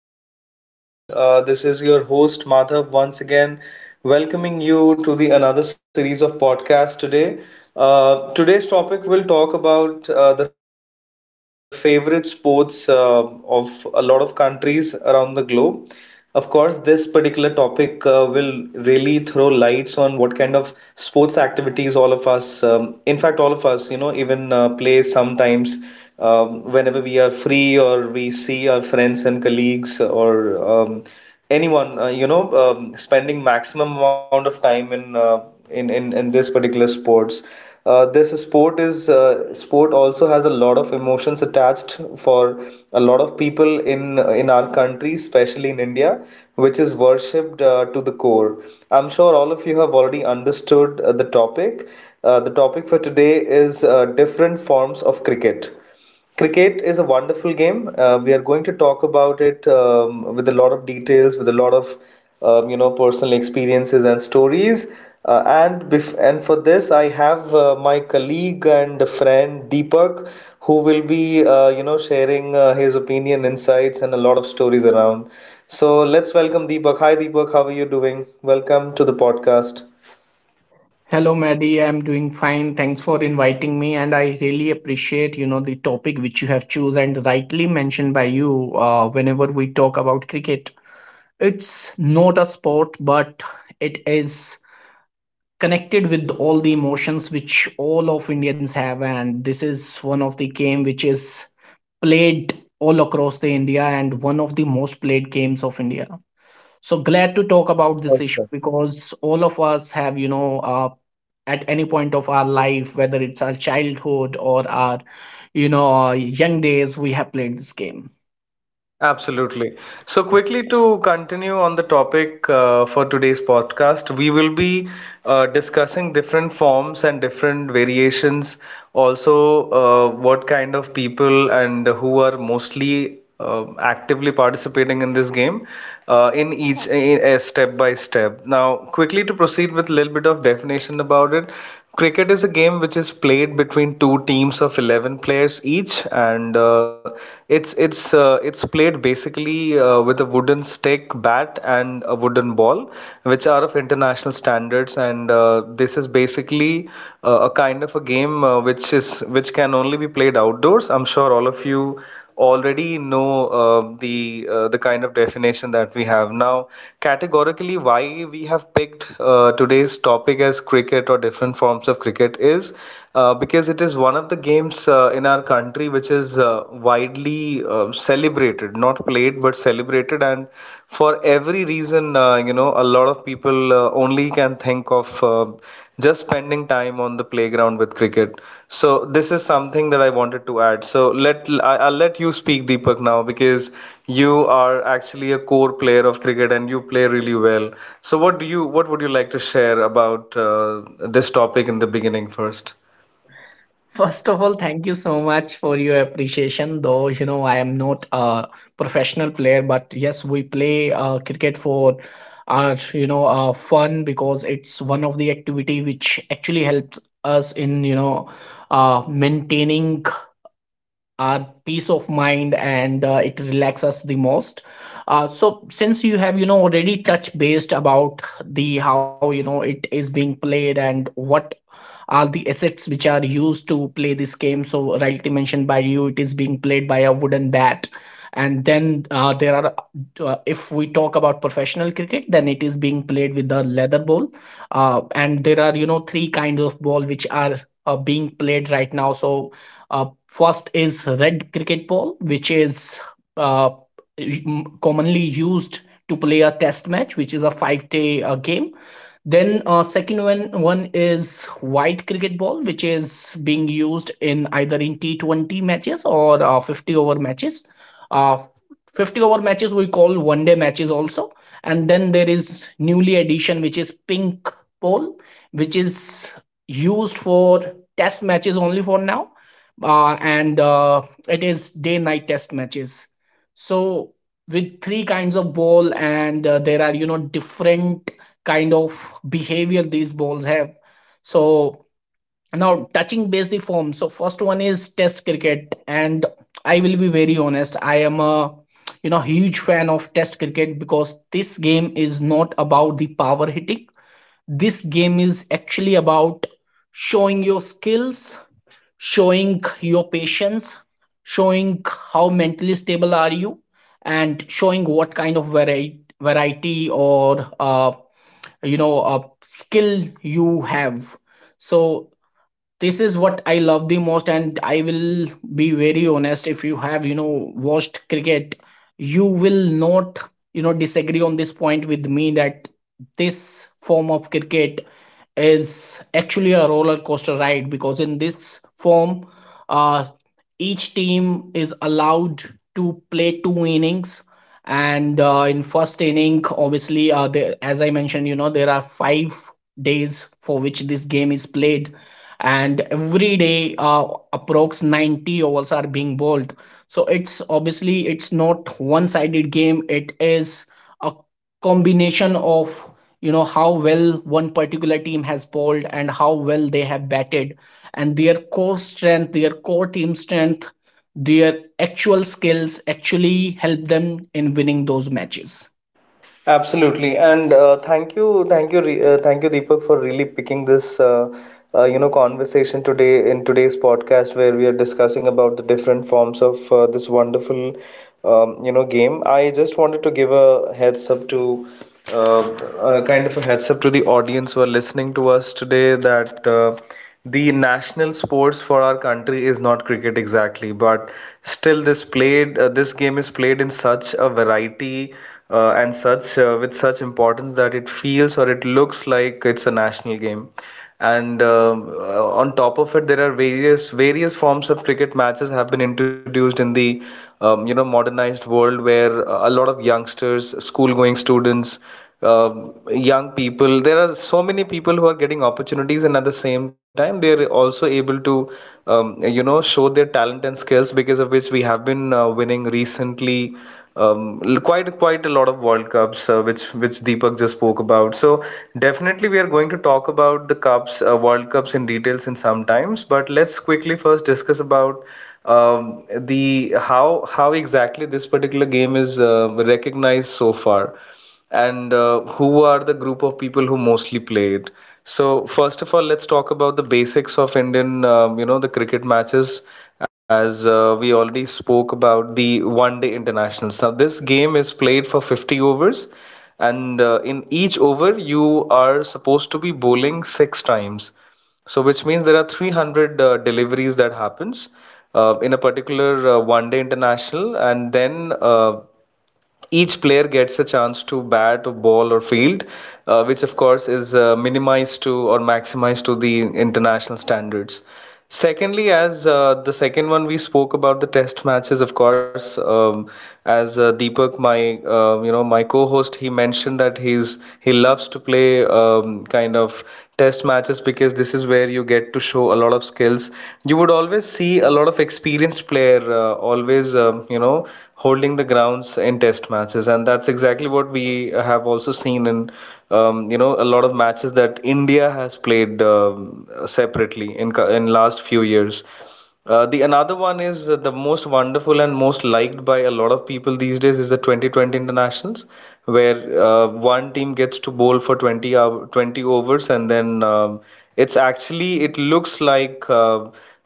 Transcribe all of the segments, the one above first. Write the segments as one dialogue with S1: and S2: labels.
S1: you are doing amazing. This is your host Madhav once again, welcoming you to the another series of podcasts today. Today's topic will talk about the favorite sports of a lot of countries around the globe. Of course, this particular topic will really throw lights on what kind of sports activities all of us, in fact, all of us, you know, even play sometimes whenever we are free or we see our friends and colleagues or um, anyone, you know, spending maximum amount of time in in this particular sports. This sport is sport also has a lot of emotions attached for a lot of people in our country, especially in India, which is worshipped to the core. I'm sure all of you have already understood the topic. The topic for today is different forms of cricket. Cricket is a wonderful game. We are going to talk about it with a lot of details, with a lot of you know personal experiences and stories. And for this, I have my colleague and friend Deepak, who will be you know sharing his opinion, insights, and a lot of stories around. So let's welcome Deepak. Hi Deepak, how are you doing? Welcome to the podcast.
S2: Hello, Maddie. I'm doing fine. Thanks for inviting me, and I really appreciate the topic which you have chosen and rightly mentioned by you. Whenever we talk about cricket, it's not a sport, but it is connected with all the emotions which all of Indians have, and this is one of the game which is played all across the India and one of the most played games of India. So glad to talk about
S1: Oh,
S2: this issue
S1: sure.
S2: because all of us have, at any point of our life, whether it's our childhood or our young days, we have played this game.
S1: Absolutely. So, quickly to continue on the topic for today's podcast, we will be discussing different forms and different variations. Also, what kind of people and who are mostly actively participating in this game in each, in, step by step. Now, quickly to proceed with a little bit of definition about it. Cricket is a game which is played between two teams of 11 players each, and it's played basically with a wooden stick bat and a wooden ball which are of international standards, and this is basically a kind of a game which is which can only be played outdoors. I'm sure all of you already know the kind of definition that we have now. Categorically, why we have picked today's topic as cricket or different forms of cricket is because it is one of the games in our country which is widely celebrated, not played but celebrated, and for every reason, you know, a lot of people only can think of. Just spending time on the playground with cricket. So this is something that I wanted to add. I'll let you speak, Deepak, now because you are actually a core player of cricket and you play really well. So what would you like to share about this topic in the beginning first?
S2: First of all, thank you so much for your appreciation. Though, I am not a professional player, but yes, we play cricket for our fun because it's one of the activity which actually helps us in, maintaining our peace of mind, and it relaxes us the most. So since you have already touched based about the how it is being played and what are the assets which are used to play this game. So, rightly mentioned by you, it is being played by a wooden bat. And then if we talk about professional cricket, then it is being played with the leather ball. And there are, three kinds of ball which are being played right now. So, first is red cricket ball, which is uh, commonly used to play a test match, which is a 5-day game. Then second one is white cricket ball, which is being used in either in T20 matches or 50 over matches. Uh, 50 over matches we call one day matches also, and then there is newly addition which is pink ball, which is used for test matches only for now, and it is day night test matches. So with three kinds of ball, and there are different kind of behavior these balls have. So now touching base the form. So first one is test cricket, and I will be very honest. I am a huge fan of test cricket because this game is not about the power hitting. This game is actually about showing your skills, showing your patience, showing how mentally stable are you, and showing what kind of variety or a skill you have. So this is what I love the most, and I will be very honest. If you have watched cricket, you will not disagree on this point with me that this form of cricket is actually a roller coaster ride, because in this form uh each team is allowed to play two innings. And in first inning obviously, as I mentioned, there are 5 days for which this game is played, and every day approx 90 overs are being bowled. So it's obviously, it's not one sided game. It is a combination of how well one particular team has bowled and how well they have batted, and their core strength, their core team strength, their actual skills actually help them in winning those matches.
S1: Absolutely, and thank you, Deepak, for really picking this, you know, conversation today in today's podcast, where we are discussing about the different forms of this wonderful you know game. I just wanted to give a heads up to uh, a kind of a heads up to the audience who are listening to us today that the national sports for our country is not cricket exactly, but still this game is played in such a variety and such with such importance that it feels, or it looks like it's a national game, and on top of it there are various forms of cricket matches have been introduced in the you know modernized world, where a lot of youngsters, school going students, young people, there are so many people who are getting opportunities, and at the same time they are also able to you know show their talent and skills, because of which we have been winning recently quite a lot of World Cups, which Deepak just spoke about. So definitely we are going to talk about the cups, World Cups in details in some times. But let's quickly first discuss about the how exactly this particular game is recognized so far and who are the group of people who mostly play it. So first of all, let's talk about the basics of Indian, you know, the cricket matches. As we already spoke about the one-day internationals. Now this game is played for 50 overs, and in each over you are supposed to be bowling six times. So, which means there are 300 deliveries that happens in a particular one-day international, and then each player gets a chance to bat, ball, or field, which of course is minimized to or maximized to the international standards. Secondly, as the second one we spoke about the test matches, of course, as Deepak, my you know my co-host, he mentioned that he loves to play kind of test matches, because this is where you get to show a lot of skills. You would always see a lot of experienced player always you know holding the grounds in test matches, and that's exactly what we have also seen in you know a lot of matches that India has played separately in last few years. The another one is the most wonderful and most liked by a lot of people these days, is the 2020 internationals, where one team gets to bowl for 20 overs and then it's actually it looks like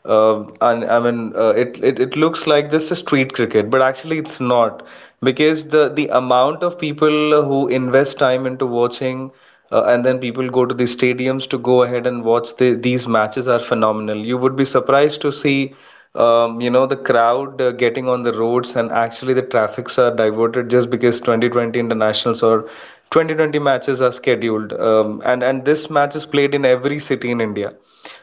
S1: and I mean, it, it it looks like just a street cricket, but actually it's not, because the amount of people who invest time into watching, and then people go to the stadiums to go ahead and these matches are phenomenal. You would be surprised to see, you know, the crowd getting on the roads, and actually the traffics are diverted just because 2020 internationals or 2020 matches are scheduled, and this match is played in every city in India.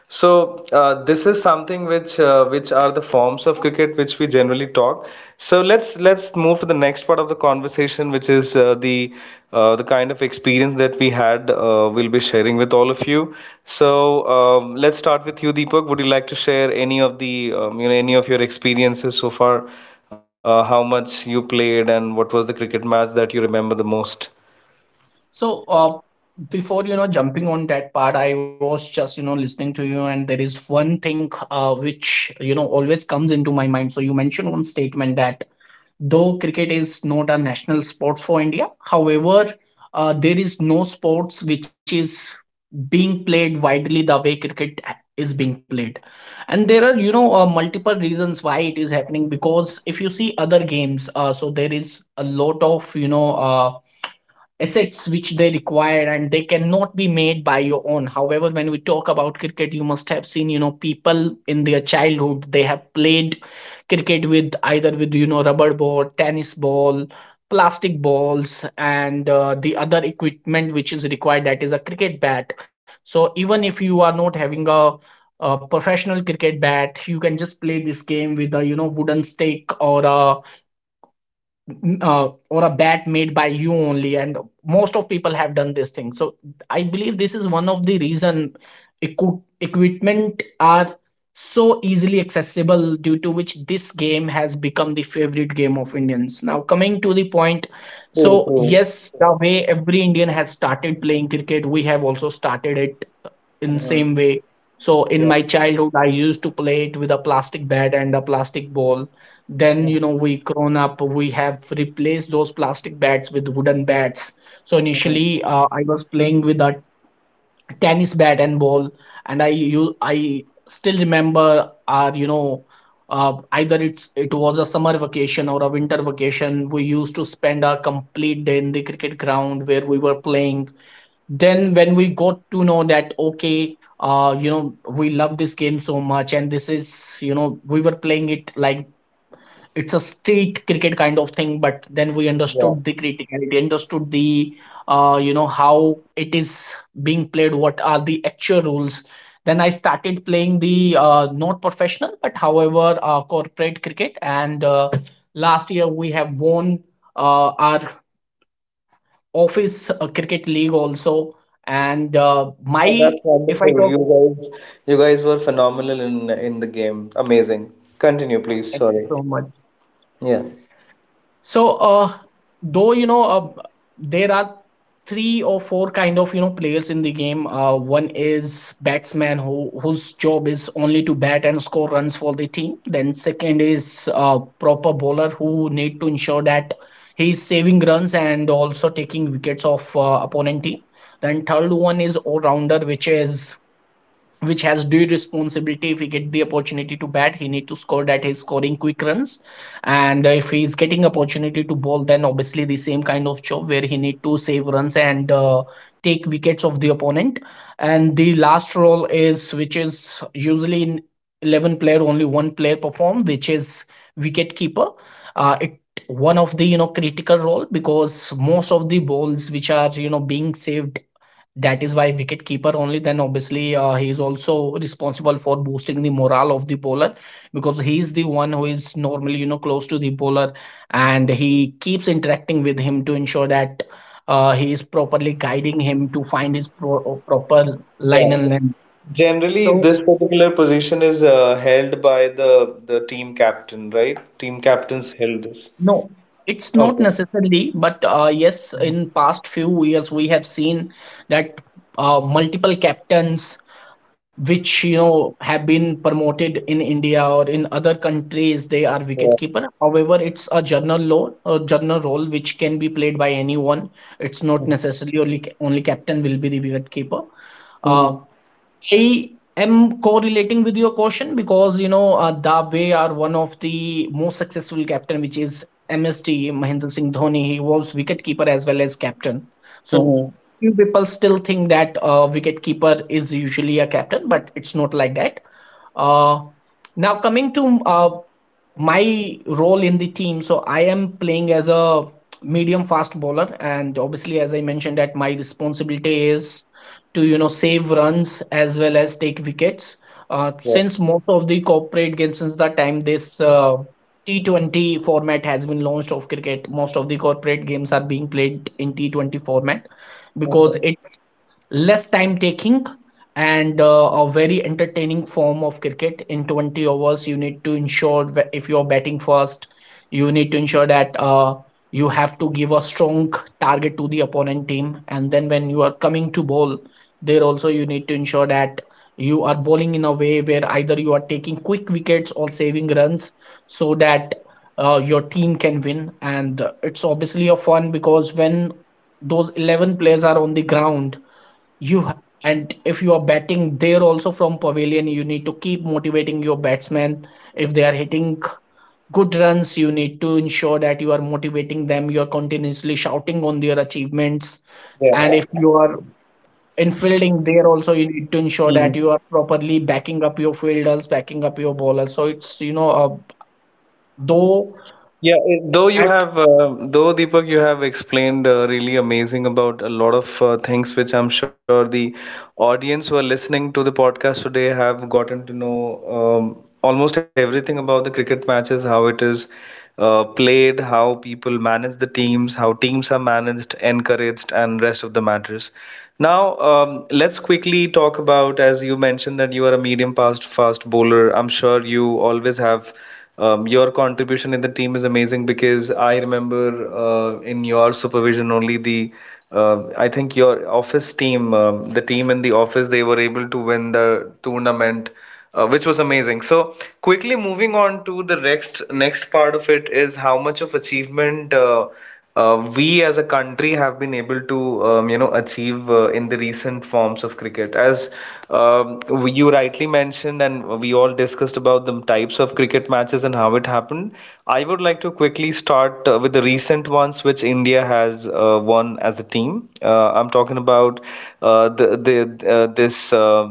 S1: So this is something which are the forms of cricket which we generally talk. So let's move to the next part of the conversation, which is the kind of experience that we had. We'll be sharing with all of you. So let's start with you, Deepak. Would you like to share any of the you know any of your experiences so far? How much you played and what was the cricket match that you remember the most?
S2: So, before jumping on that part, I was just listening to you, and there is one thing which always comes into my mind. So you mentioned one statement that though cricket is not a national sport for India, however, there is no sports which is being played widely the way cricket is being played. And there are, multiple reasons why it is happening, because if you see other games, so there is a lot of, assets which they require, and they cannot be made by your own. However, when we talk about cricket, you must have seen, people in their childhood, they have played cricket with either with rubber ball, tennis ball, plastic balls. And the other equipment which is required, that is a cricket bat. So even if you are not having a professional cricket bat, you can just play this game with a wooden stick or a bat made by you only, and most of people have done this thing. So I believe this is one of the reason, equipment are so easily accessible, due to which this game has become the favorite game of Indians. Now coming to the point,
S1: True,
S2: so
S1: true.
S2: yes, the way every Indian has started playing cricket, we have also started it in
S1: Hmm.
S2: same way. So in my childhood, I used to play it with a plastic bat and a plastic ball. Then, you know, we grown up, we have replaced those plastic bats with wooden bats. So initially, I was playing with a tennis bat and ball, and I still remember our, either it was a summer vacation or a winter vacation. We used to spend a complete day in the cricket ground where we were playing. Then when we got to know that okay, we love this game so much, and this is, we were playing it like it's a street cricket kind of thing, but then we
S1: Yeah.
S2: understood the criticality, understood the how it is being played, what are the actual rules. Then I started playing the not professional, but however corporate cricket, and last year we have won our office cricket league also. And
S1: Yeah,
S2: my,
S1: that's
S2: if I
S1: wonderful.
S2: talk
S1: You guys were phenomenal in the game. Amazing. Continue, please.
S2: thank you
S1: Sorry.
S2: so much.
S1: Yeah.
S2: So though, there are three or four kind of players in the game. One is batsman, whose job is only to bat and score runs for the team. Then second is proper bowler, who need to ensure that he is saving runs and also taking wickets of opponent team. Then third one is all rounder, which has due responsibility. If he get the opportunity to bat, he need to score that he's scoring quick runs. And if he's getting opportunity to bowl, then obviously the same kind of job, where he need to save runs and take wickets of the opponent. And the last role is, which is usually in 11 player only one player perform, which is wicket keeper. It one of the critical role, because most of the balls which are being saved, that is why wicket keeper only. Then obviously he is also responsible for boosting the morale of the bowler, because he is the one who is normally close to the bowler, and he keeps interacting with him to ensure that he is properly guiding him to find his proper
S1: Yeah.
S2: line and length.
S1: Generally,
S2: So
S1: this particular position is held by the team captain, right? Team captains held this.
S2: no, it's not
S1: Okay.
S2: necessarily, but yes,
S1: Mhm.
S2: in past few years we have seen that multiple captains which have been promoted in India or in other countries, they are
S1: Yeah.
S2: wicketkeeper. However, it's a general law, a general role which can be played by anyone. It's not necessarily only captain will be the wicketkeeper. Uh,
S1: Mhm.
S2: I am correlating with your question because Dave are one of the most successful captain, which is MST Mahendra Singh Dhoni. He was wicketkeeper as well as captain.
S1: Mhm.
S2: So
S1: Mhm.
S2: few people still think that wicketkeeper is usually a captain, but it's not like that. Uh, Now coming to my role in the team, so I am playing as a medium fast bowler, and obviously, as I mentioned, that my responsibility is to save runs as well as take wickets.
S1: Yeah.
S2: Since most of the corporate games, since the time this T20 format has been launched of cricket, most of the corporate games are being played in T20 format because
S1: Mhm.
S2: it less time taking, and a very entertaining form of cricket. In 20 overs you need to ensure that if you're batting first, you need to ensure that you have to give a strong target to the opponent team. And then when you are coming to bowl, there also you need to ensure that you are bowling in a way where either you are taking quick wickets or saving runs, so that your team can win. And it's obviously a fun, because when those 11 players are on the ground, you ha- and if you are batting, there also from pavilion you need to keep motivating your batsmen. If they are hitting good runs, you need to ensure that you are motivating them, you are continuously shouting on their achievements.
S1: Yeah.
S2: And if you are in fielding, there also you need to ensure that
S1: Mm-hmm.
S2: you are properly backing up your fielders, backing up your bowlers, so it's, though
S1: Yeah, it- though you
S2: at
S1: have, uh, though Deepak, you have explained really amazing about a lot of things, which I'm sure the audience who are listening to the podcast today have gotten to know almost everything about the cricket matches, how it is played, how people manage the teams, how teams are managed, encouraged, and rest of the matters. Now, let's quickly talk about, as you mentioned, that you are a medium fast bowler. I'm sure you always have your contribution in the team is amazing because I remember in your supervision only the I think your office team, the team in the office, they were able to win the tournament, which was amazing. So quickly moving on to the next part of it is how much of achievement. We as a country have been able to you know achieve in the recent forms of cricket. As um, you rightly mentioned, and we all discussed about the types of cricket matches and how it happened, I would like to quickly start with the recent ones which India has won as a team. I'm talking about uh, the, the uh, this uh,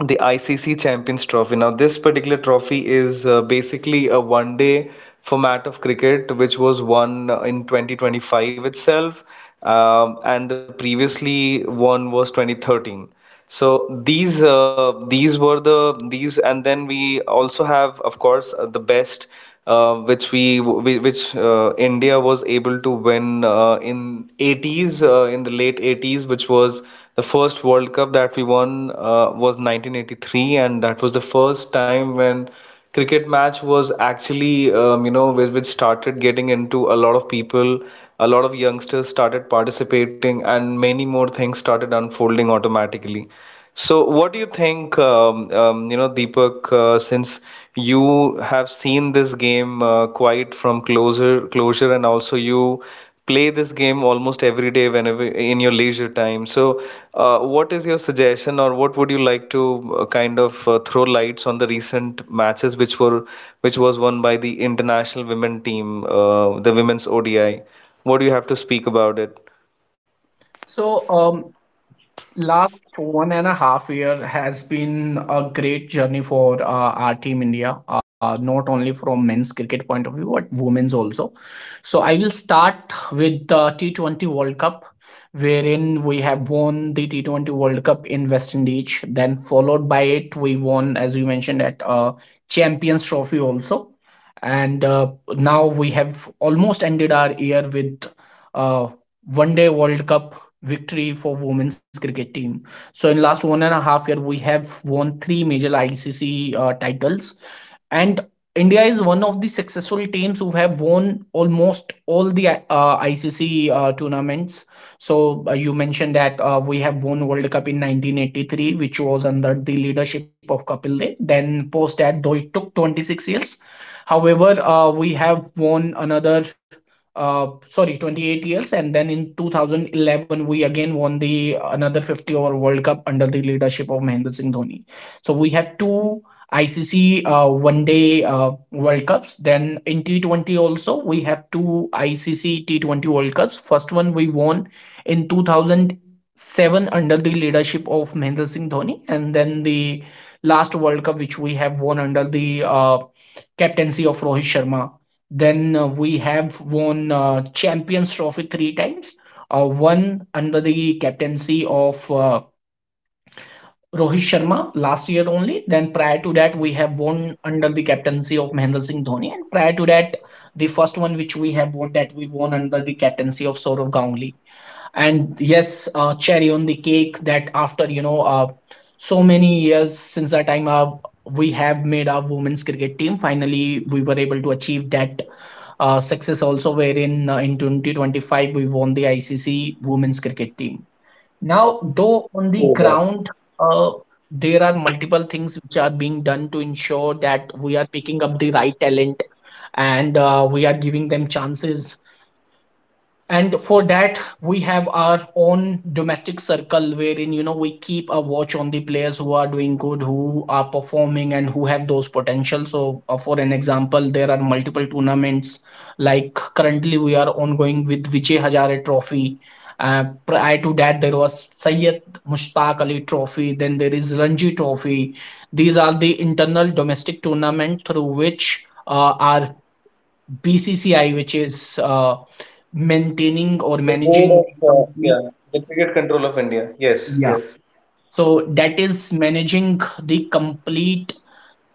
S1: the ICC Champions Trophy. Now, this particular trophy is basically a one day format of cricket which was won in 2025 itself, and the previously one was 2013. So these were the these and then we also have of course the best which we which India was able to win in '80s, in the late '80s, which was the first World Cup that we won. Was 1983, and that was the first time when cricket match was actually which started getting into a lot of people, a lot of youngsters started participating and many more things started unfolding automatically. So, what do you think, you know, Deepak, since you have seen this game quite from closer closure, and also you play this game almost every day whenever in your leisure time. So, what is your suggestion, or what would you like to throw lights on the recent matches which was won by the international women team, the women's ODI? What do you have to speak about it?
S2: so. Last 1.5 year has been a great journey for our team India, not only from men's cricket point of view, but women's also. So I will start with the T20 World Cup, wherein we have won the T20 World Cup in West Indies. Then followed by it, we won, as you mentioned, at Champions Trophy also. And now we have almost ended our year with uh, One Day World Cup victory for women's cricket team. So in last 1.5 year, we have won three major ICC titles, and India is one of the successful teams who have won almost all the ICC tournaments. So you mentioned that we have won World Cup in 1983, which was under the leadership of Kapil Dev. Then post that, though it took 26 years. However, we have won another sorry 28 years, and then in 2011 we again won the another 50 over World Cup under the leadership of Mahendra Singh Dhoni. So we have two ICC one day World Cups. Then in T20 also we have two ICC T20 World Cups. First one we won in 2007 under the leadership of Mahendra Singh Dhoni, and then the last World Cup which we have won under the captaincy of Rohit Sharma. Then we have won Champions Trophy three times. One under the captaincy of Rohit Sharma last year only. Then prior to that, we have won under the captaincy of Mahendra Singh Dhoni. And prior to that, the first one which we have won, that we won under the captaincy of Saurav Ganguly. And yes, cherry on the cake that after so many years, since the time we have made our women's cricket team, finally we were able to achieve that success also, wherein in 2025 we won the ICC women's cricket team. Now, though on the ground uh, there are multiple things which are being done to ensure that we are picking up the right talent, and we are giving them chances. And for that we have our own domestic circle, wherein we keep a watch on the players who are doing good, who are performing and who have those potential. So for an example, there are multiple tournaments, like currently we are ongoing with Vijay Hazare Trophy. Prior to that there was Syed Mushtaq Ali Trophy. Then there is Ranji Trophy. These are the internal domestic tournament through which our BCCI, which is maintaining or
S1: The board
S2: managing
S1: of
S2: the complete,
S1: yeah, the cricket control of India. Yes,
S2: yeah.
S1: yes,
S2: So that is managing the complete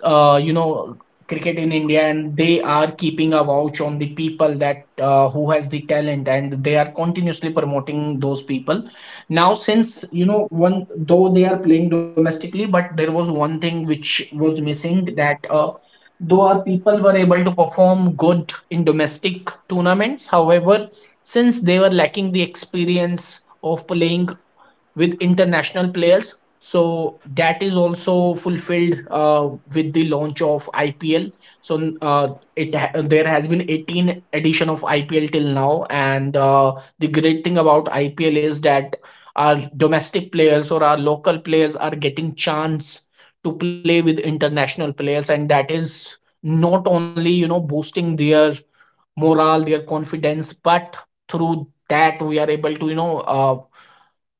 S2: uh, you know cricket in India, and they are keeping a watch on the people that who has the talent, and they are continuously promoting those people. Now, since one, though they are playing domestically, but there was one thing which was missing, that. Though our people were able to perform good in domestic tournaments, however, since they were lacking the experience of playing with international players. So that is also fulfilled with the launch of IPL. So there has been 18 edition of IPL till now, and the great thing about IPL is that our domestic players or our local players are getting chance to play with international players, and that is not only boosting their morale, their confidence, but through that we are able to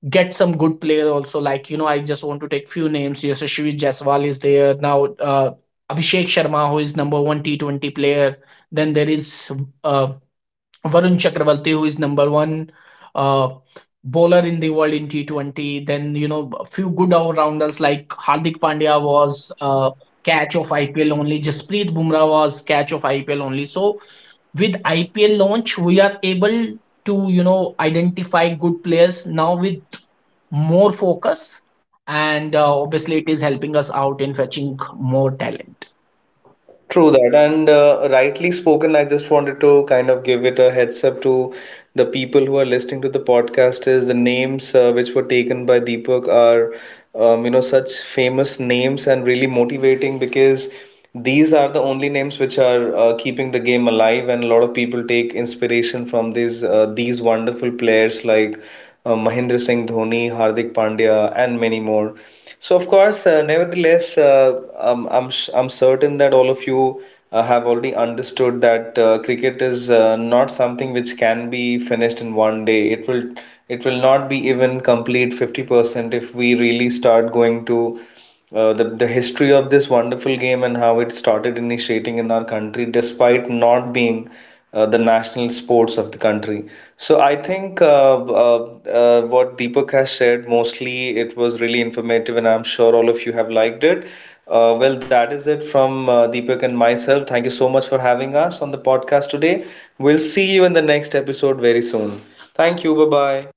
S2: get some good player also. Like I just want to take few names. Yashasvi Jaiswal is there now. Abhishek Sharma, who is number one T 20 player. Then there is uh, Varun Chakravarti, who is number one uh, bowler in the world in T 20. Then a few good all rounders like Hardik Pandya was catch of IPL only. Jasprit Bumrah was catch of IPL only. So with IPL launch, we are able to identify good players now with more focus. And obviously, it is helping us out in fetching more talent.
S1: true that. And rightly spoken, I just wanted to kind of give it a heads up to the people who are listening to the podcast. Is the names which were taken by Deepak are you know such famous names and really motivating, because these are the only names which are keeping the game alive, and a lot of people take inspiration from these wonderful players like Mahendra Singh Dhoni, Hardik Pandya, and many more. So, of course, I'm certain that all of you have already understood that cricket is not something which can be finished in one day. It will not be even complete 50% if we really start going to the history of this wonderful game and how it started initiating in our country, despite not being the national sports of the country. So I think what Deepak has shared mostly it was really informative, and I'm sure all of you have liked it. Well, that is it from Deepak and myself. Thank you so much for having us on the podcast today. We'll see you in the next episode very soon. Thank you. Bye bye.